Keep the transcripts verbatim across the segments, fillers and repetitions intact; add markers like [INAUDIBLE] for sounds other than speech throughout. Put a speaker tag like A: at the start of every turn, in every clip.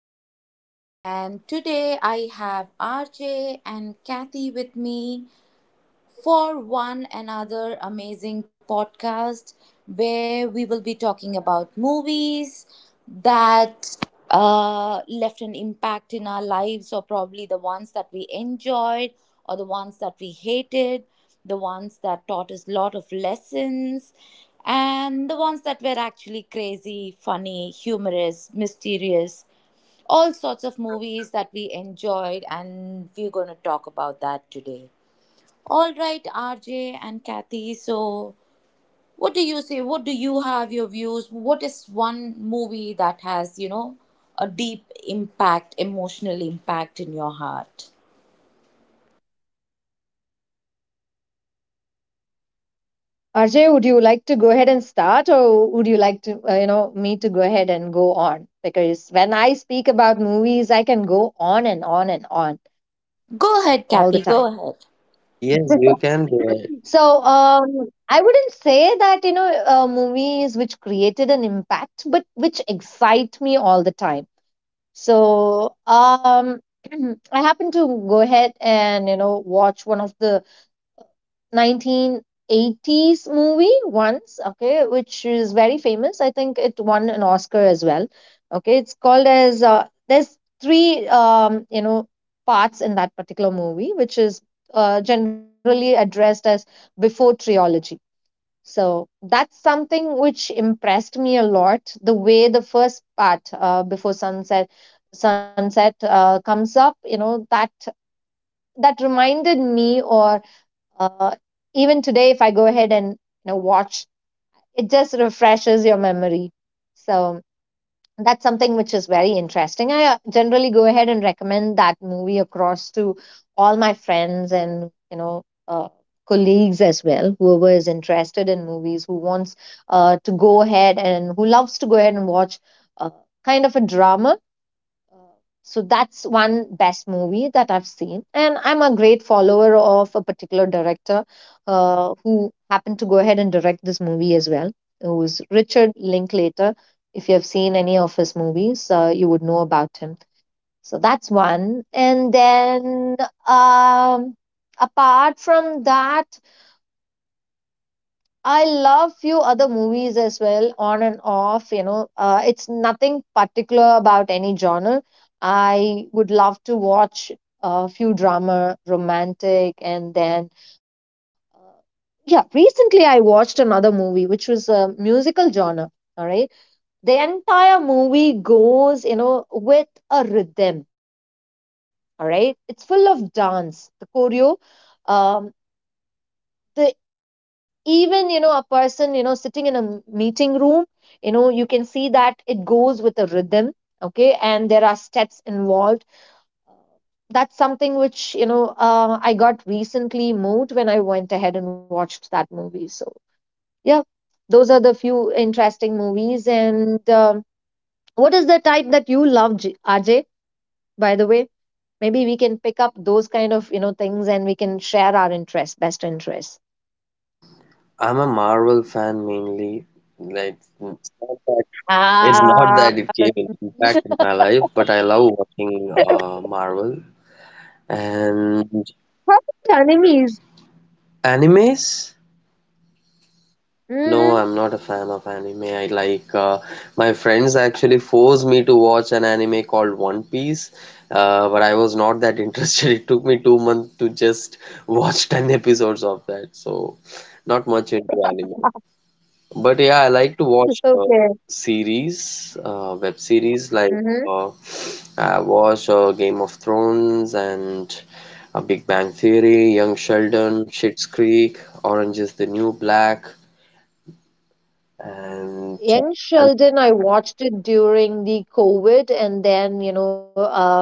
A: morning, and today I have R J and Kathy with me for one another amazing podcast where we will be talking about movies that uh, left an impact in our lives, or probably the ones that we enjoyed, or the ones that we hated, the ones that taught us a lot of lessons, and the ones that were actually crazy, funny, humorous, mysterious, all sorts of movies that we enjoyed, and we're going to talk about that today. All right, R J and Kathy, so what do you say? What do you have your views? What is one movie that has, you know, a deep impact, emotional impact in your heart?
B: Arjay, would you like to go ahead and start, or would you like to, uh, you know, me to go ahead and go on? Because when I speak about movies, I can go on and on and on
A: Go ahead,
B: all the
A: Kathy,
B: time.
A: go ahead.
C: Yes, you can do it.
B: So um, I wouldn't say that you know uh, movies which created an impact, but which excite me all the time. So um, [CLEARS THROAT] I happen to go ahead and you know watch one of the nineteen eighties movie once, okay, which is very famous. I think it won an Oscar as well. Okay, it's called as uh, there's three um, you know parts in that particular movie, which is uh, generally addressed as Before Trilogy. So that's something which impressed me a lot. The way the first part, uh, before sunset, sunset uh, comes up, you know that that reminded me, or uh, even today, if I go ahead and you know watch, it just refreshes your memory. So that's something which is very interesting. I uh, generally go ahead and recommend that movie across to all my friends and you know uh, colleagues as well, whoever is interested in movies, who wants uh, to go ahead and who loves to go ahead and watch uh, kind of a drama. So that's one best movie that I've seen. And I'm a great follower of a particular director, uh, who happened to go ahead and direct this movie as well, who is Richard Linklater. If you have seen any of his movies, uh, you would know about him. So that's one. And then um, apart from that, I love few other movies as well, on and off. You know, uh, it's nothing particular about any genre. I would love to watch a few drama, romantic, and then uh, yeah. Recently, I watched another movie which was a musical genre. All right, the entire movie goes, you know, with a rhythm. All right, it's full of dance. The choreo, um, the even you know a person you know sitting in a m- meeting room, you know you can see that it goes with a rhythm, okay, and there are steps involved. That's something which you know uh, I got recently moved when I went ahead and watched that movie. So yeah, those are the few interesting movies. And um, what is the type that you love, J- ajay, by the way? Maybe we can pick up those kind of you know things, and we can share our interests, best interests.
C: I'm a Marvel fan mainly. Like, it's not that, it's not
B: Ah,
C: that it gave an impact in my
B: [LAUGHS]
C: life, but I love watching uh, Marvel. And
B: Perfect Enemies.
C: animes? No,
B: Hmm.
C: I'm not a fan of anime. I like, uh, my friends actually forced me to watch an anime called One Piece, uh, but I was not that [LAUGHS] interested. It took me two months to just watch ten episodes of that, so not much into anime. But yeah, I like to watch
B: [LAUGHS]
C: uh,
B: Okay.
C: series, uh, web series like
B: Hmm.
C: uh, I watch uh, Game of Thrones and uh, Big Bang Theory, Young Sheldon, Schitt's Creek, Orange is the New Black, and, uh,
B: Young
C: and
B: Sheldon, I watched it during the COVID, and then, you know, uh,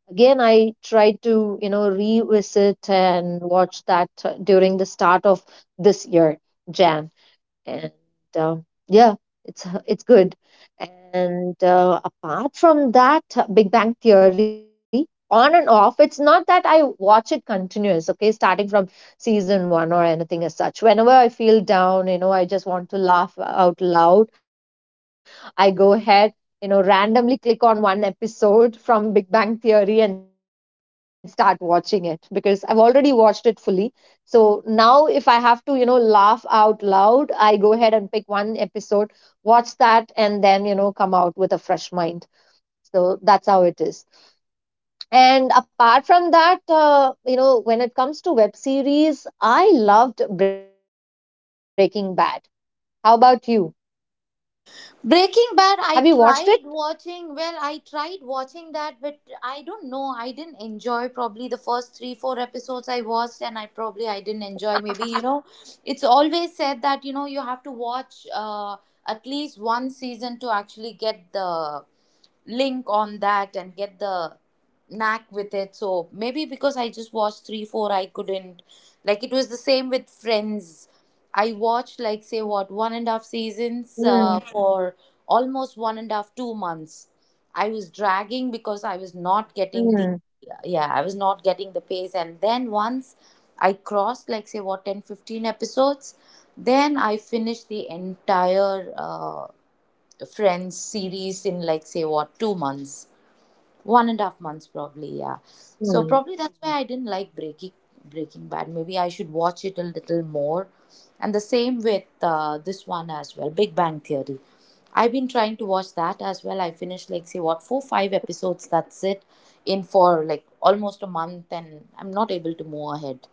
B: again, I tried to, you know, revisit and watch that, uh, during the start of this year, Jan. And uh, yeah, it's uh, it's good. And uh, apart from that, uh, Big Bang Theory, on and off. It's not that I watch it continuous, okay, starting from season one or anything as such. Whenever I feel down, you know, I just want to laugh out loud. I go ahead, you know, randomly click on one episode from Big Bang Theory and start watching it because I've already watched it fully. So now, if I have to, you know, laugh out loud, I go ahead and pick one episode, watch that, and then you know come out with a fresh mind. So that's how it is. And apart from that, uh, you know when it comes to web series, I loved Breaking Bad. How about you?
A: Breaking Bad,
B: Have
A: I
B: you watched
A: tried
B: it?
A: watching. Well, I tried watching that, but I don't know. I didn't enjoy probably the first three, four episodes I watched, and I probably I didn't enjoy. Maybe you know, it's always said that you know you have to watch uh, at least one season to actually get the link on that and get the knack with it. So maybe because I just watched three, four, I couldn't. Like it was the same with Friends. I watched like say what one and a half seasons uh, Mhm.
B: Hmm.
A: for almost one and a half two months. I was dragging because I was not getting the,
B: Hmm.
A: yeah, I was not getting the pace. And then once I crossed like say what ten fifteen episodes, then I finished the entire uh, Friends series in like say what two months, one and a half months probably. Yeah, so probably that's why
B: Hmm.
A: I didn't like Breaking Breaking Bad. Maybe I should watch it a little more. And the same with uh, this one as well, Big Bang Theory. I've been trying to watch that as well. I finished like say what four five episodes. That's it, in for like almost a month, and I'm not able to move ahead.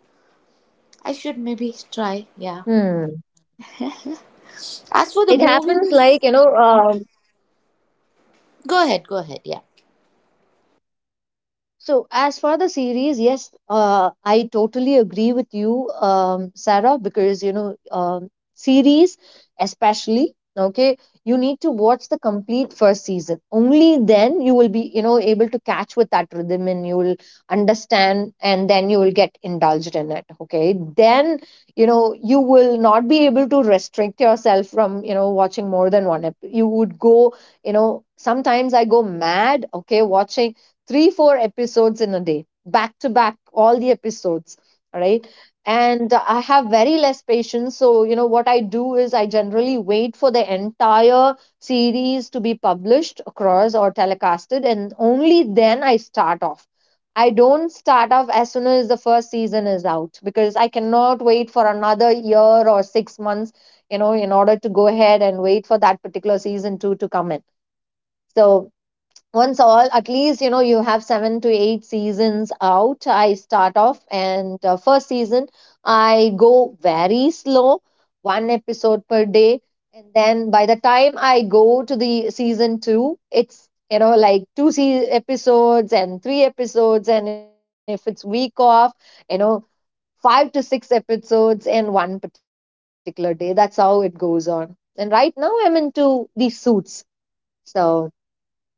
A: I should maybe try. Yeah.
B: Hmm.
A: As for the
B: It happens
A: movies,
B: like, you know, uh,
A: go ahead. Go ahead. Yeah.
B: so, as for the series, yes, uh, I totally agree with you, um, Sarah, because you know, um, series especially, okay, you need to watch the complete first season. Only then you will be, you know, able to catch with that rhythm, and you will understand, and then you will get indulged in it, okay? Then, you know, you will not be able to restrict yourself from, you know, watching more than one. ep- You would go, you know, sometimes I go mad, okay, watching three four episodes in a day, back to back, all the episodes. All right. And uh, I have very less patience, so you know what I do is I generally wait for the entire series to be published across or telecasted, and only then I start off. I don't start off as soon as the first season is out because I cannot wait for another year or six months, you know in order to go ahead and wait for that particular season two to come in. So once, all, at least, you know you have seven to eight seasons out, I start off. And uh, first season I go very slow, one episode per day. And then by the time I go to the season two, it's, you know like two se- episodes and three episodes. And if it's week off, you know five to six episodes in one particular day. That's how it goes on. And right now I'm into the Suits. So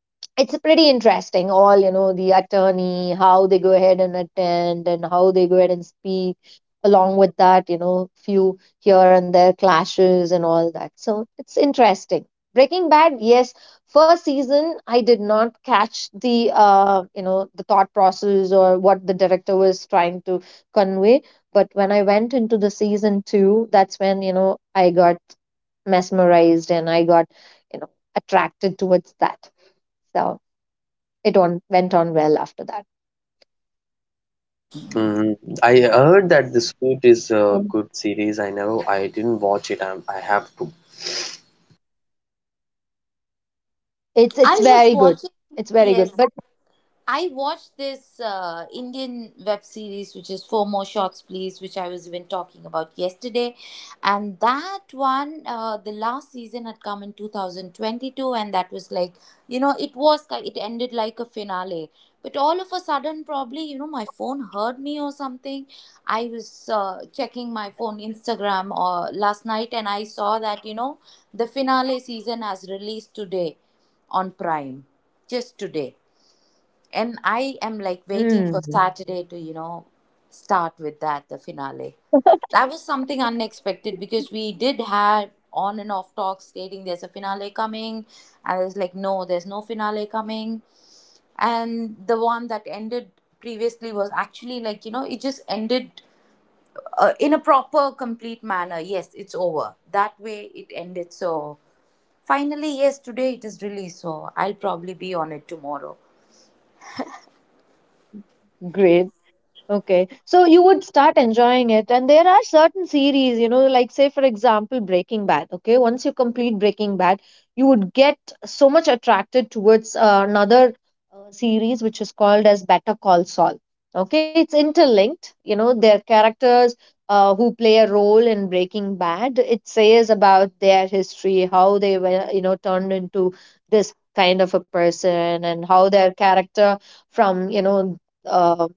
B: it's pretty interesting. All, you know the attorney, how they go ahead and attend, and how they go ahead and speak, along with that, you know few here and there clashes and all that. So it's interesting. Breaking Bad, yes. First season I did not catch the uh you know the thought process or what the director was trying to convey. But when I went into the season two, that's when, you know I got mesmerized, and I got, you know attracted towards that. So it on went on well after that.
C: mm, I heard that The Suit is
B: So
C: a good series. I never, I didn't watch it. I, I have to.
B: it's
A: I
B: it's
A: was
B: very good.
A: watching.
B: It's very
A: Yes.
B: good. But
A: I watched this uh, Indian web series, which is Four More Shots, Please, which I was even talking about yesterday. And that one, uh, the last season had come in twenty twenty-two, and that was like, you know, it was, ki- it ended like a finale. But all of a sudden, probably, you know, my phone heard me or something. I was uh, checking my phone, Instagram, or last night, and I saw that, you know, the finale season has released today on Prime, just today. And I am like waiting for
B: mm,
A: Saturday to, you know, start with that, the finale. That was something unexpected because we did have on and off talks stating there's a finale coming. And I was like, no, there's no finale coming. And the one that ended previously was actually like, you know, it just ended uh, in a proper, complete manner. Yes, it's over. That way it ended. So finally, yes, today it is released. So I'll probably be on it tomorrow.
B: great. Okay, so you would start enjoying it, and there are certain series, you know, like say for example, Breaking Bad. Okay, once you complete Breaking Bad, you would get so much attracted towards uh, another uh, series which is called as Better Call Saul. Okay, it's interlinked. You know, their characters, uh, who play a role in Breaking Bad. It says about their history, how they were, you know, turned into this kind of a person, and how their character from, you know. Um,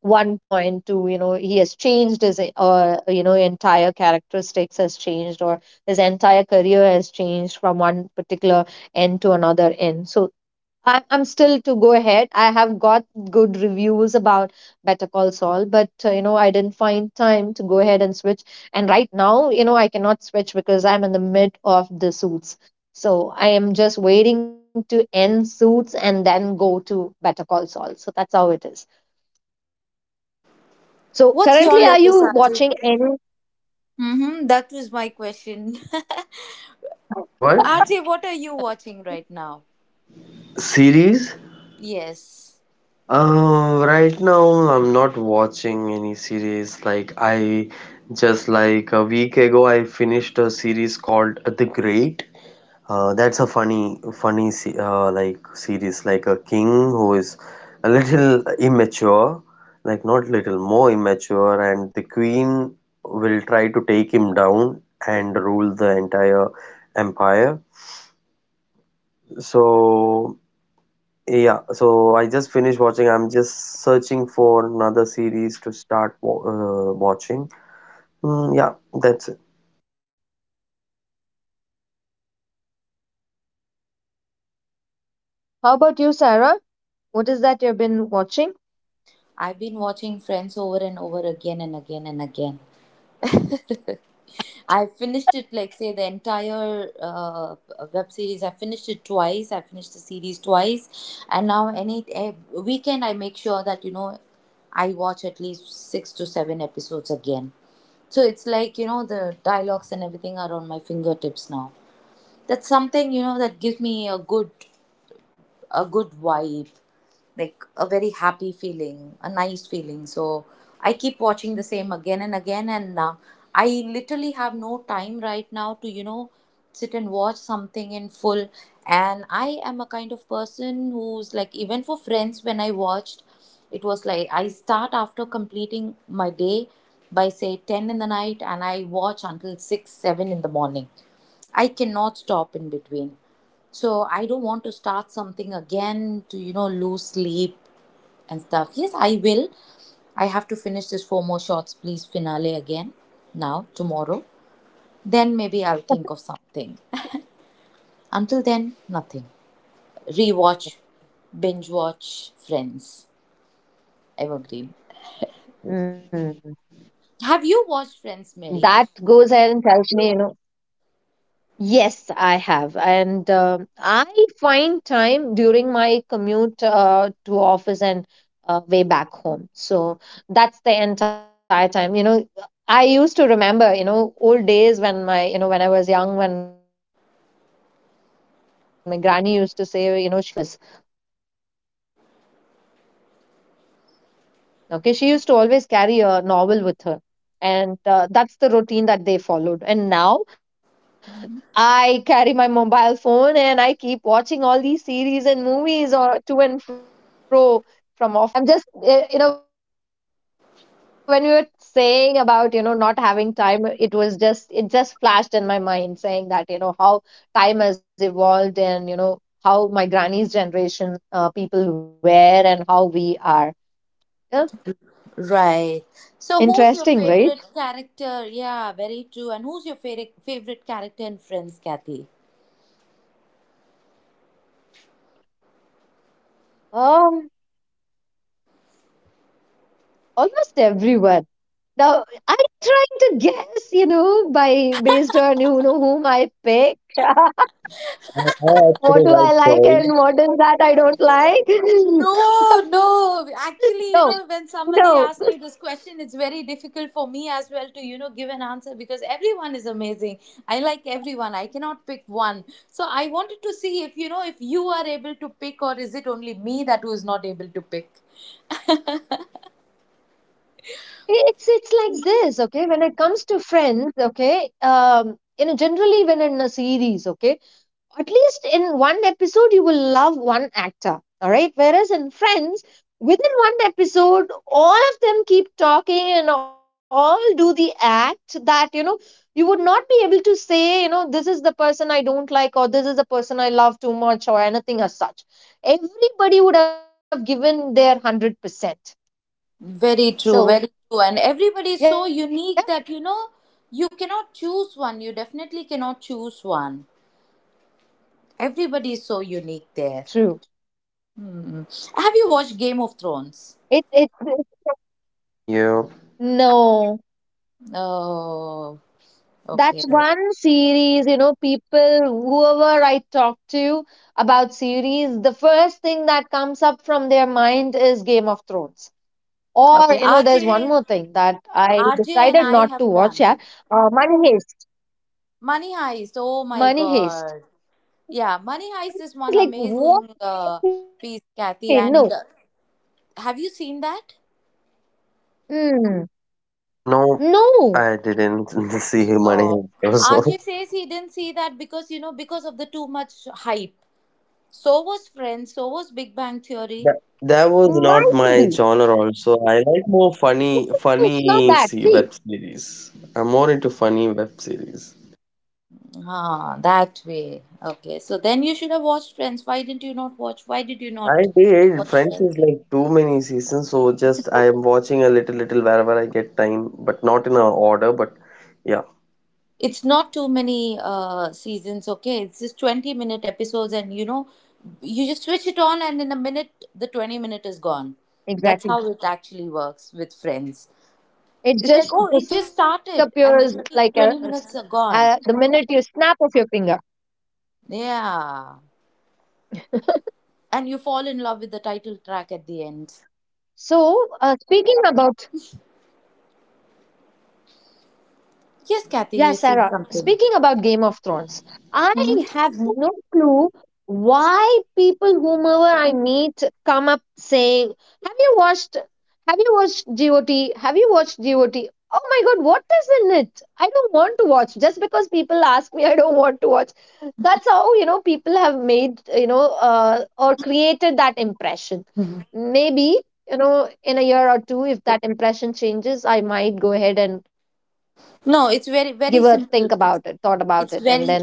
B: one point to, you know he has changed his, uh, you know entire characteristics has changed, or his entire career has changed from one particular end to another end. So I, i'm still to go ahead. I have got good reviews about Better Call Saul, but uh, you know I didn't find time to go ahead and switch. And right now, you know I cannot switch because I'm in the mid of the Suits. So I am just waiting to end Suits and then go to Better Call Saul. So that's how it is. So
A: What's your
B: currently, are
A: latest,
B: you watching
A: Ajay?
B: any?
A: Mm-hmm, that was my question.
C: What?
A: [LAUGHS] Ajay, what are you watching right now?
C: Series?
A: Yes,
C: Uh, right now, I'm not watching any series. Like I just like a week ago, I finished a series called The Great. Uh, that's a funny, funny se- uh, like series. Like a king who is a little immature, like not little more immature, and the queen will try to take him down and rule the entire empire. So yeah, so I just finished watching. I'm just searching for another series to start wa uh, watching. Mm, yeah, that's it.
B: How about you, Sarah? What is that you've been watching?
A: I've been watching Friends over and over again and again and again. [LAUGHS] I finished it, like, say, the entire uh, web series. I finished it twice. I finished the series twice. And now, any eh, weekend, I make sure that, you know, I watch at least six to seven episodes again. So it's like, you know, the dialogues and everything are on my fingertips now. That's something, you know, that gives me a good a good vibe, like a very happy feeling, a nice feeling. So I keep watching the same again and again and uh, I literally have no time right now to, you know, sit and watch something in full. And I am a kind of person who's like, even for Friends when I watched, it was like I start after completing my day by say ten in the night and I watch until six seven in the morning. I cannot stop in between. So I don't want to start something again to, you know, lose sleep and stuff. Yes, I will. I have to finish this Four More Shots, Please, finale again now, tomorrow. Then maybe I'll think of something. Until then, nothing. Rewatch, binge watch Friends, Evergreen.
B: Hmm.
A: Have you watched Friends,
B: That
A: Mary?
B: goes ahead and tells me, you know, yes, I have. And um I find time during my commute, uh, to office and uh, way back home. So that's the entire time. You know, I used to remember, you know, old days when my, you know, when I was young, when my granny used to say, you know, she used to read books when she is traveling from, you know, home to office. Okay, she used to always carry a novel with her. And uh, that's the routine that they followed. And now, I carry my mobile phone, and I keep watching all these series and movies, or to and fro from office to, you know, home. So I'm just, eh, you know, when you were saying about, you know, not having time, it was just, it just flashed in my mind, saying that, you know, how time has evolved, and, you know, how my granny's generation, uh, people were, and how we are. Yeah.
A: Right. So, who's your
B: Interesting, right?
A: favorite character? Yeah, very true. And who's your favorite favorite character in Friends, Kathy?
B: Um, almost everyone. Now I'm trying to guess, you know, by based on you know whom I pick,
C: I
B: what
C: actually
B: do
C: like
B: I like
C: Joy.
B: and what is that I don't like. [LAUGHS]
A: No, no. Actually, you
B: No,
A: know, when somebody
B: no,
A: asks me this question, it's very difficult for me as well to, you know, give an answer because everyone is amazing. I like everyone. I cannot pick one. So I wanted to see if, you know, if you are able to pick, or is it only me that who is not able to pick?
B: it's it's like this, okay? When it comes to friends, okay, um, you know, generally when in a series, okay, at least in one episode you will love one actor, all right? Whereas in friends, within one episode, all of them keep talking and all do the act that, you know you would not be able to say, you know this is the person I don't like or this is the person I love too much or anything as such. Everybody would have given their one hundred percent.
A: Very true,
B: So
A: very true. And everybody is
B: yeah,
A: so unique that, you know, you cannot choose one. You definitely cannot choose one. Everybody is so unique there.
B: true.
A: Hmm. Have you watched Game of Thrones?
B: it it [LAUGHS] it-
C: Yeah.
B: no
A: Oh,
B: That's
A: okay.
B: one series, you know, people, whoever I talk to about series, the first thing that comes up from their mind is Game of Thrones. Or,
A: Okay.
B: you know, there's one
A: RJ,
B: more thing that I
A: RJ and
B: decided
A: I
B: not to
A: have
B: watch,
A: done
B: yeah. Uh, Money Heist.
A: Money Heist. Oh my
B: Money
A: God.
B: Heist.
A: Yeah, Money Heist is one
B: It's like,
A: amazing
B: what?
A: uh, piece,
B: Okay, no.
A: Kathy. And uh, have you seen that?
B: Mm,
C: No,
B: no.
C: I didn't [LAUGHS] see Money
A: Oh,
C: Heist also.
A: R J says he didn't see that because you know because of the too much hype. So was Friends. So was Big Bang Theory.
C: That, That was
B: Might be.
C: not
B: No,
C: my genre also. I like more funny
B: it's not
C: funny
B: that.
C: se-
B: See,
C: web series. I'm more into funny web series.
A: Ah, that way. Okay. So then you should have watched Friends. Why didn't you not watch? Why did you
C: I
A: not
C: did.
A: watch
C: Friends
A: Friends?
C: is like too many seasons, so just I am watching a little, little wherever I get time, but not in a order. But yeah,
A: It's not too many uh, seasons. Okay, it's just twenty minute episodes, and you know you just switch it on and in a minute the twenty minute is gone.
B: exactly.
A: That's how it actually works with Friends.
B: It just
A: It's like, oh, it just
B: disappears like
A: started
B: a, a
A: and the
B: s-
A: twenty twenty
B: uh, the
A: minutes are
B: minute you
A: gone.
B: snap of your finger.
A: Yeah, and you fall in love with the title track at the
B: So,
A: end.
B: uh, speaking about, yeah, Sarah,
A: Yes,
B: speaking
A: Kathy,
B: about
A: you're
B: Game
A: saying
B: of
A: something.
B: Thrones, I have no clue
A: Hmm.
B: why people, whomever I meet, come up saying, have you watched, have you watched G O T, have you watched G O T? Oh my god, what is in it? I don't want to watch. Just because people ask me, I don't want to watch. That's how, you know, people have made, you know, uh, or created that impression. Maybe you know in a year or two, if that impression changes, I might go ahead and
A: No,
B: give
A: it's
B: a
A: very
B: think
A: very
B: about it,
A: simple.
B: thought
A: it's,
B: about it, and
A: it's
B: then
A: very.
B: maybe.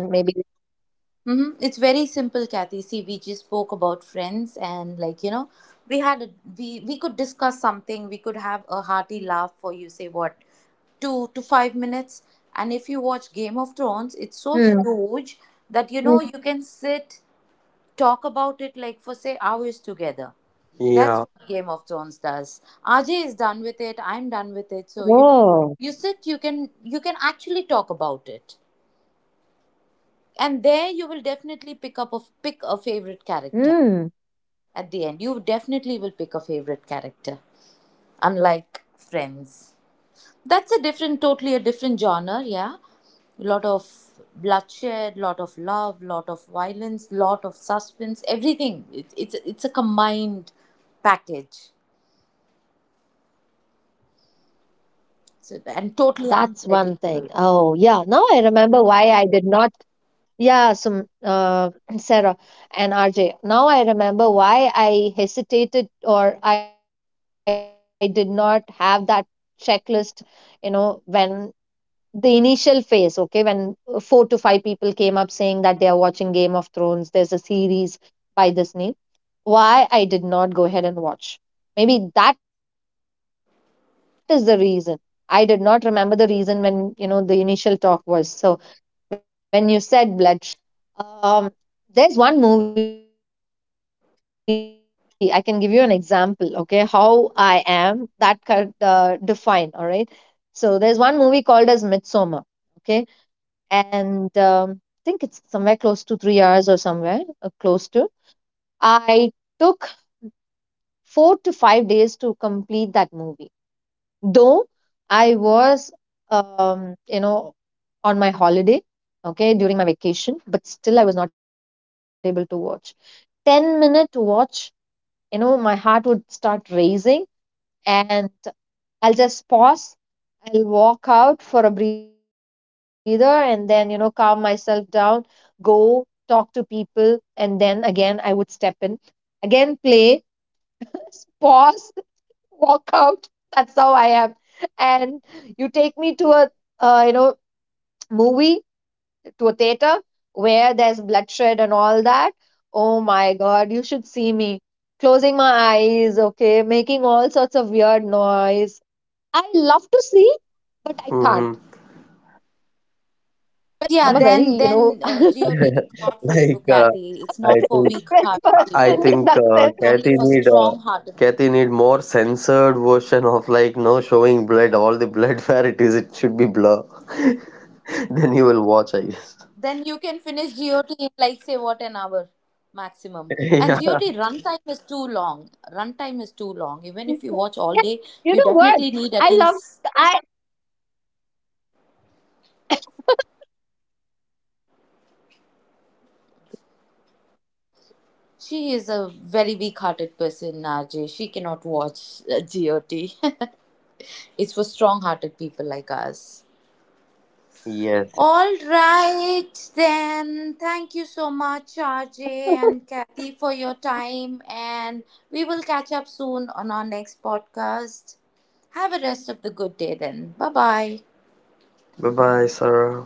A: hmm It's very simple, Kathy. See, we just spoke about Friends, and like, you know, we had a, we we could discuss something. We could have a hearty laugh for you. Say what two to five minutes, and if you watch Game of
B: Hmm.
A: Thrones, it's so huge
B: Hmm.
A: that you know you can sit talk about it like for say hours together. That's
C: yeah.
A: what Game of Thrones does. Ajay is done with it. I'm done
B: Oh.
A: with it. So you know, you sit. You can you can actually talk about it, and there you will definitely pick up a
B: Hmm.
A: pick a favorite character. At the end, you definitely will pick a favorite character, unlike Friends. That's a different totally a different genre, yeah. Lot of bloodshed, lot of love, lot of violence, lot of suspense, everything. It, it's it's a combined package. So,
B: That's
A: and
B: one
A: totally
B: thing. Oh,
A: unpredictable.
B: yeah. Now I remember why I did not. Yeah, some uh, [CLEARS THROAT] Sarah and R J, now I remember why I hesitated or I did not have that checklist. You know, when the initial phase, okay, when four to five people came up saying that they are watching Game of Thrones, there's a series by this name, why I did not go ahead and watch. Maybe that is the reason. I did not remember the reason when, you know, the initial talk was. So when you said bloodshed, yes, that's the reason. Because um, there's one movie, I can give you an example, okay, how I am that could uh, define, all right. So there's one movie called as Midsommar, okay, and um, I think it's somewhere close to three hours or somewhere uh, close to. I took four to five days to complete that movie. Though I was, um, you know, on my holiday, okay, during my vacation, but still I was not able to watch. ten minute watch, you know, my heart would start racing, and I'll just pause. I'll walk out for a breather, and then, you know, calm myself down, go talk to people, and then again I would step in, again play, pause, walk out. That's how I am. And you take me to a, uh, you know movie, to a theater where there's bloodshed and all that. Oh my God, you should see me closing my eyes, okay, making all sorts of weird noise. I love to see, but I
C: Hmm.
B: can't.
A: But yeah, then
B: I'm a
A: then
B: very
A: uh,
B: you know
A: GOT
B: [LAUGHS]
A: is
B: very
A: not for
C: [LAUGHS]
A: you, Kathy.
C: Like
A: It's
C: uh,
A: not for
C: I
A: weak hearted
C: think,
A: people. It's
C: I
B: person in
C: think
B: that
A: only
C: uh,
A: for
B: sense.
C: Kathy
A: strong
C: need,
A: hearted
C: uh,
A: people.
C: Kathy need more censored version of like no showing blood, all the blood [LAUGHS] where it is, it should be blur. [LAUGHS] Then you will watch, I guess.
A: Then you can
B: Yeah,
A: finish
B: you
A: G O T
B: know
A: in
B: what?
A: like say
B: I
A: what an
B: love
A: hour
B: I.
A: maximum. And
C: [LAUGHS]
A: G O T
C: Yeah.
A: runtime is too long. Runtime is too long. Even if you watch all day, you definitely need at least. She is a very weak hearted person, R J. She cannot watch uh, G O T. [LAUGHS] It's for strong hearted people like us.
C: Yes.
A: All
B: Oh.
A: right, then. Thank you so much, R J and Kathy, for your time. And we will catch up soon on our next podcast. Have a rest of the good day, then. Bye bye.
C: Bye bye, Sarah.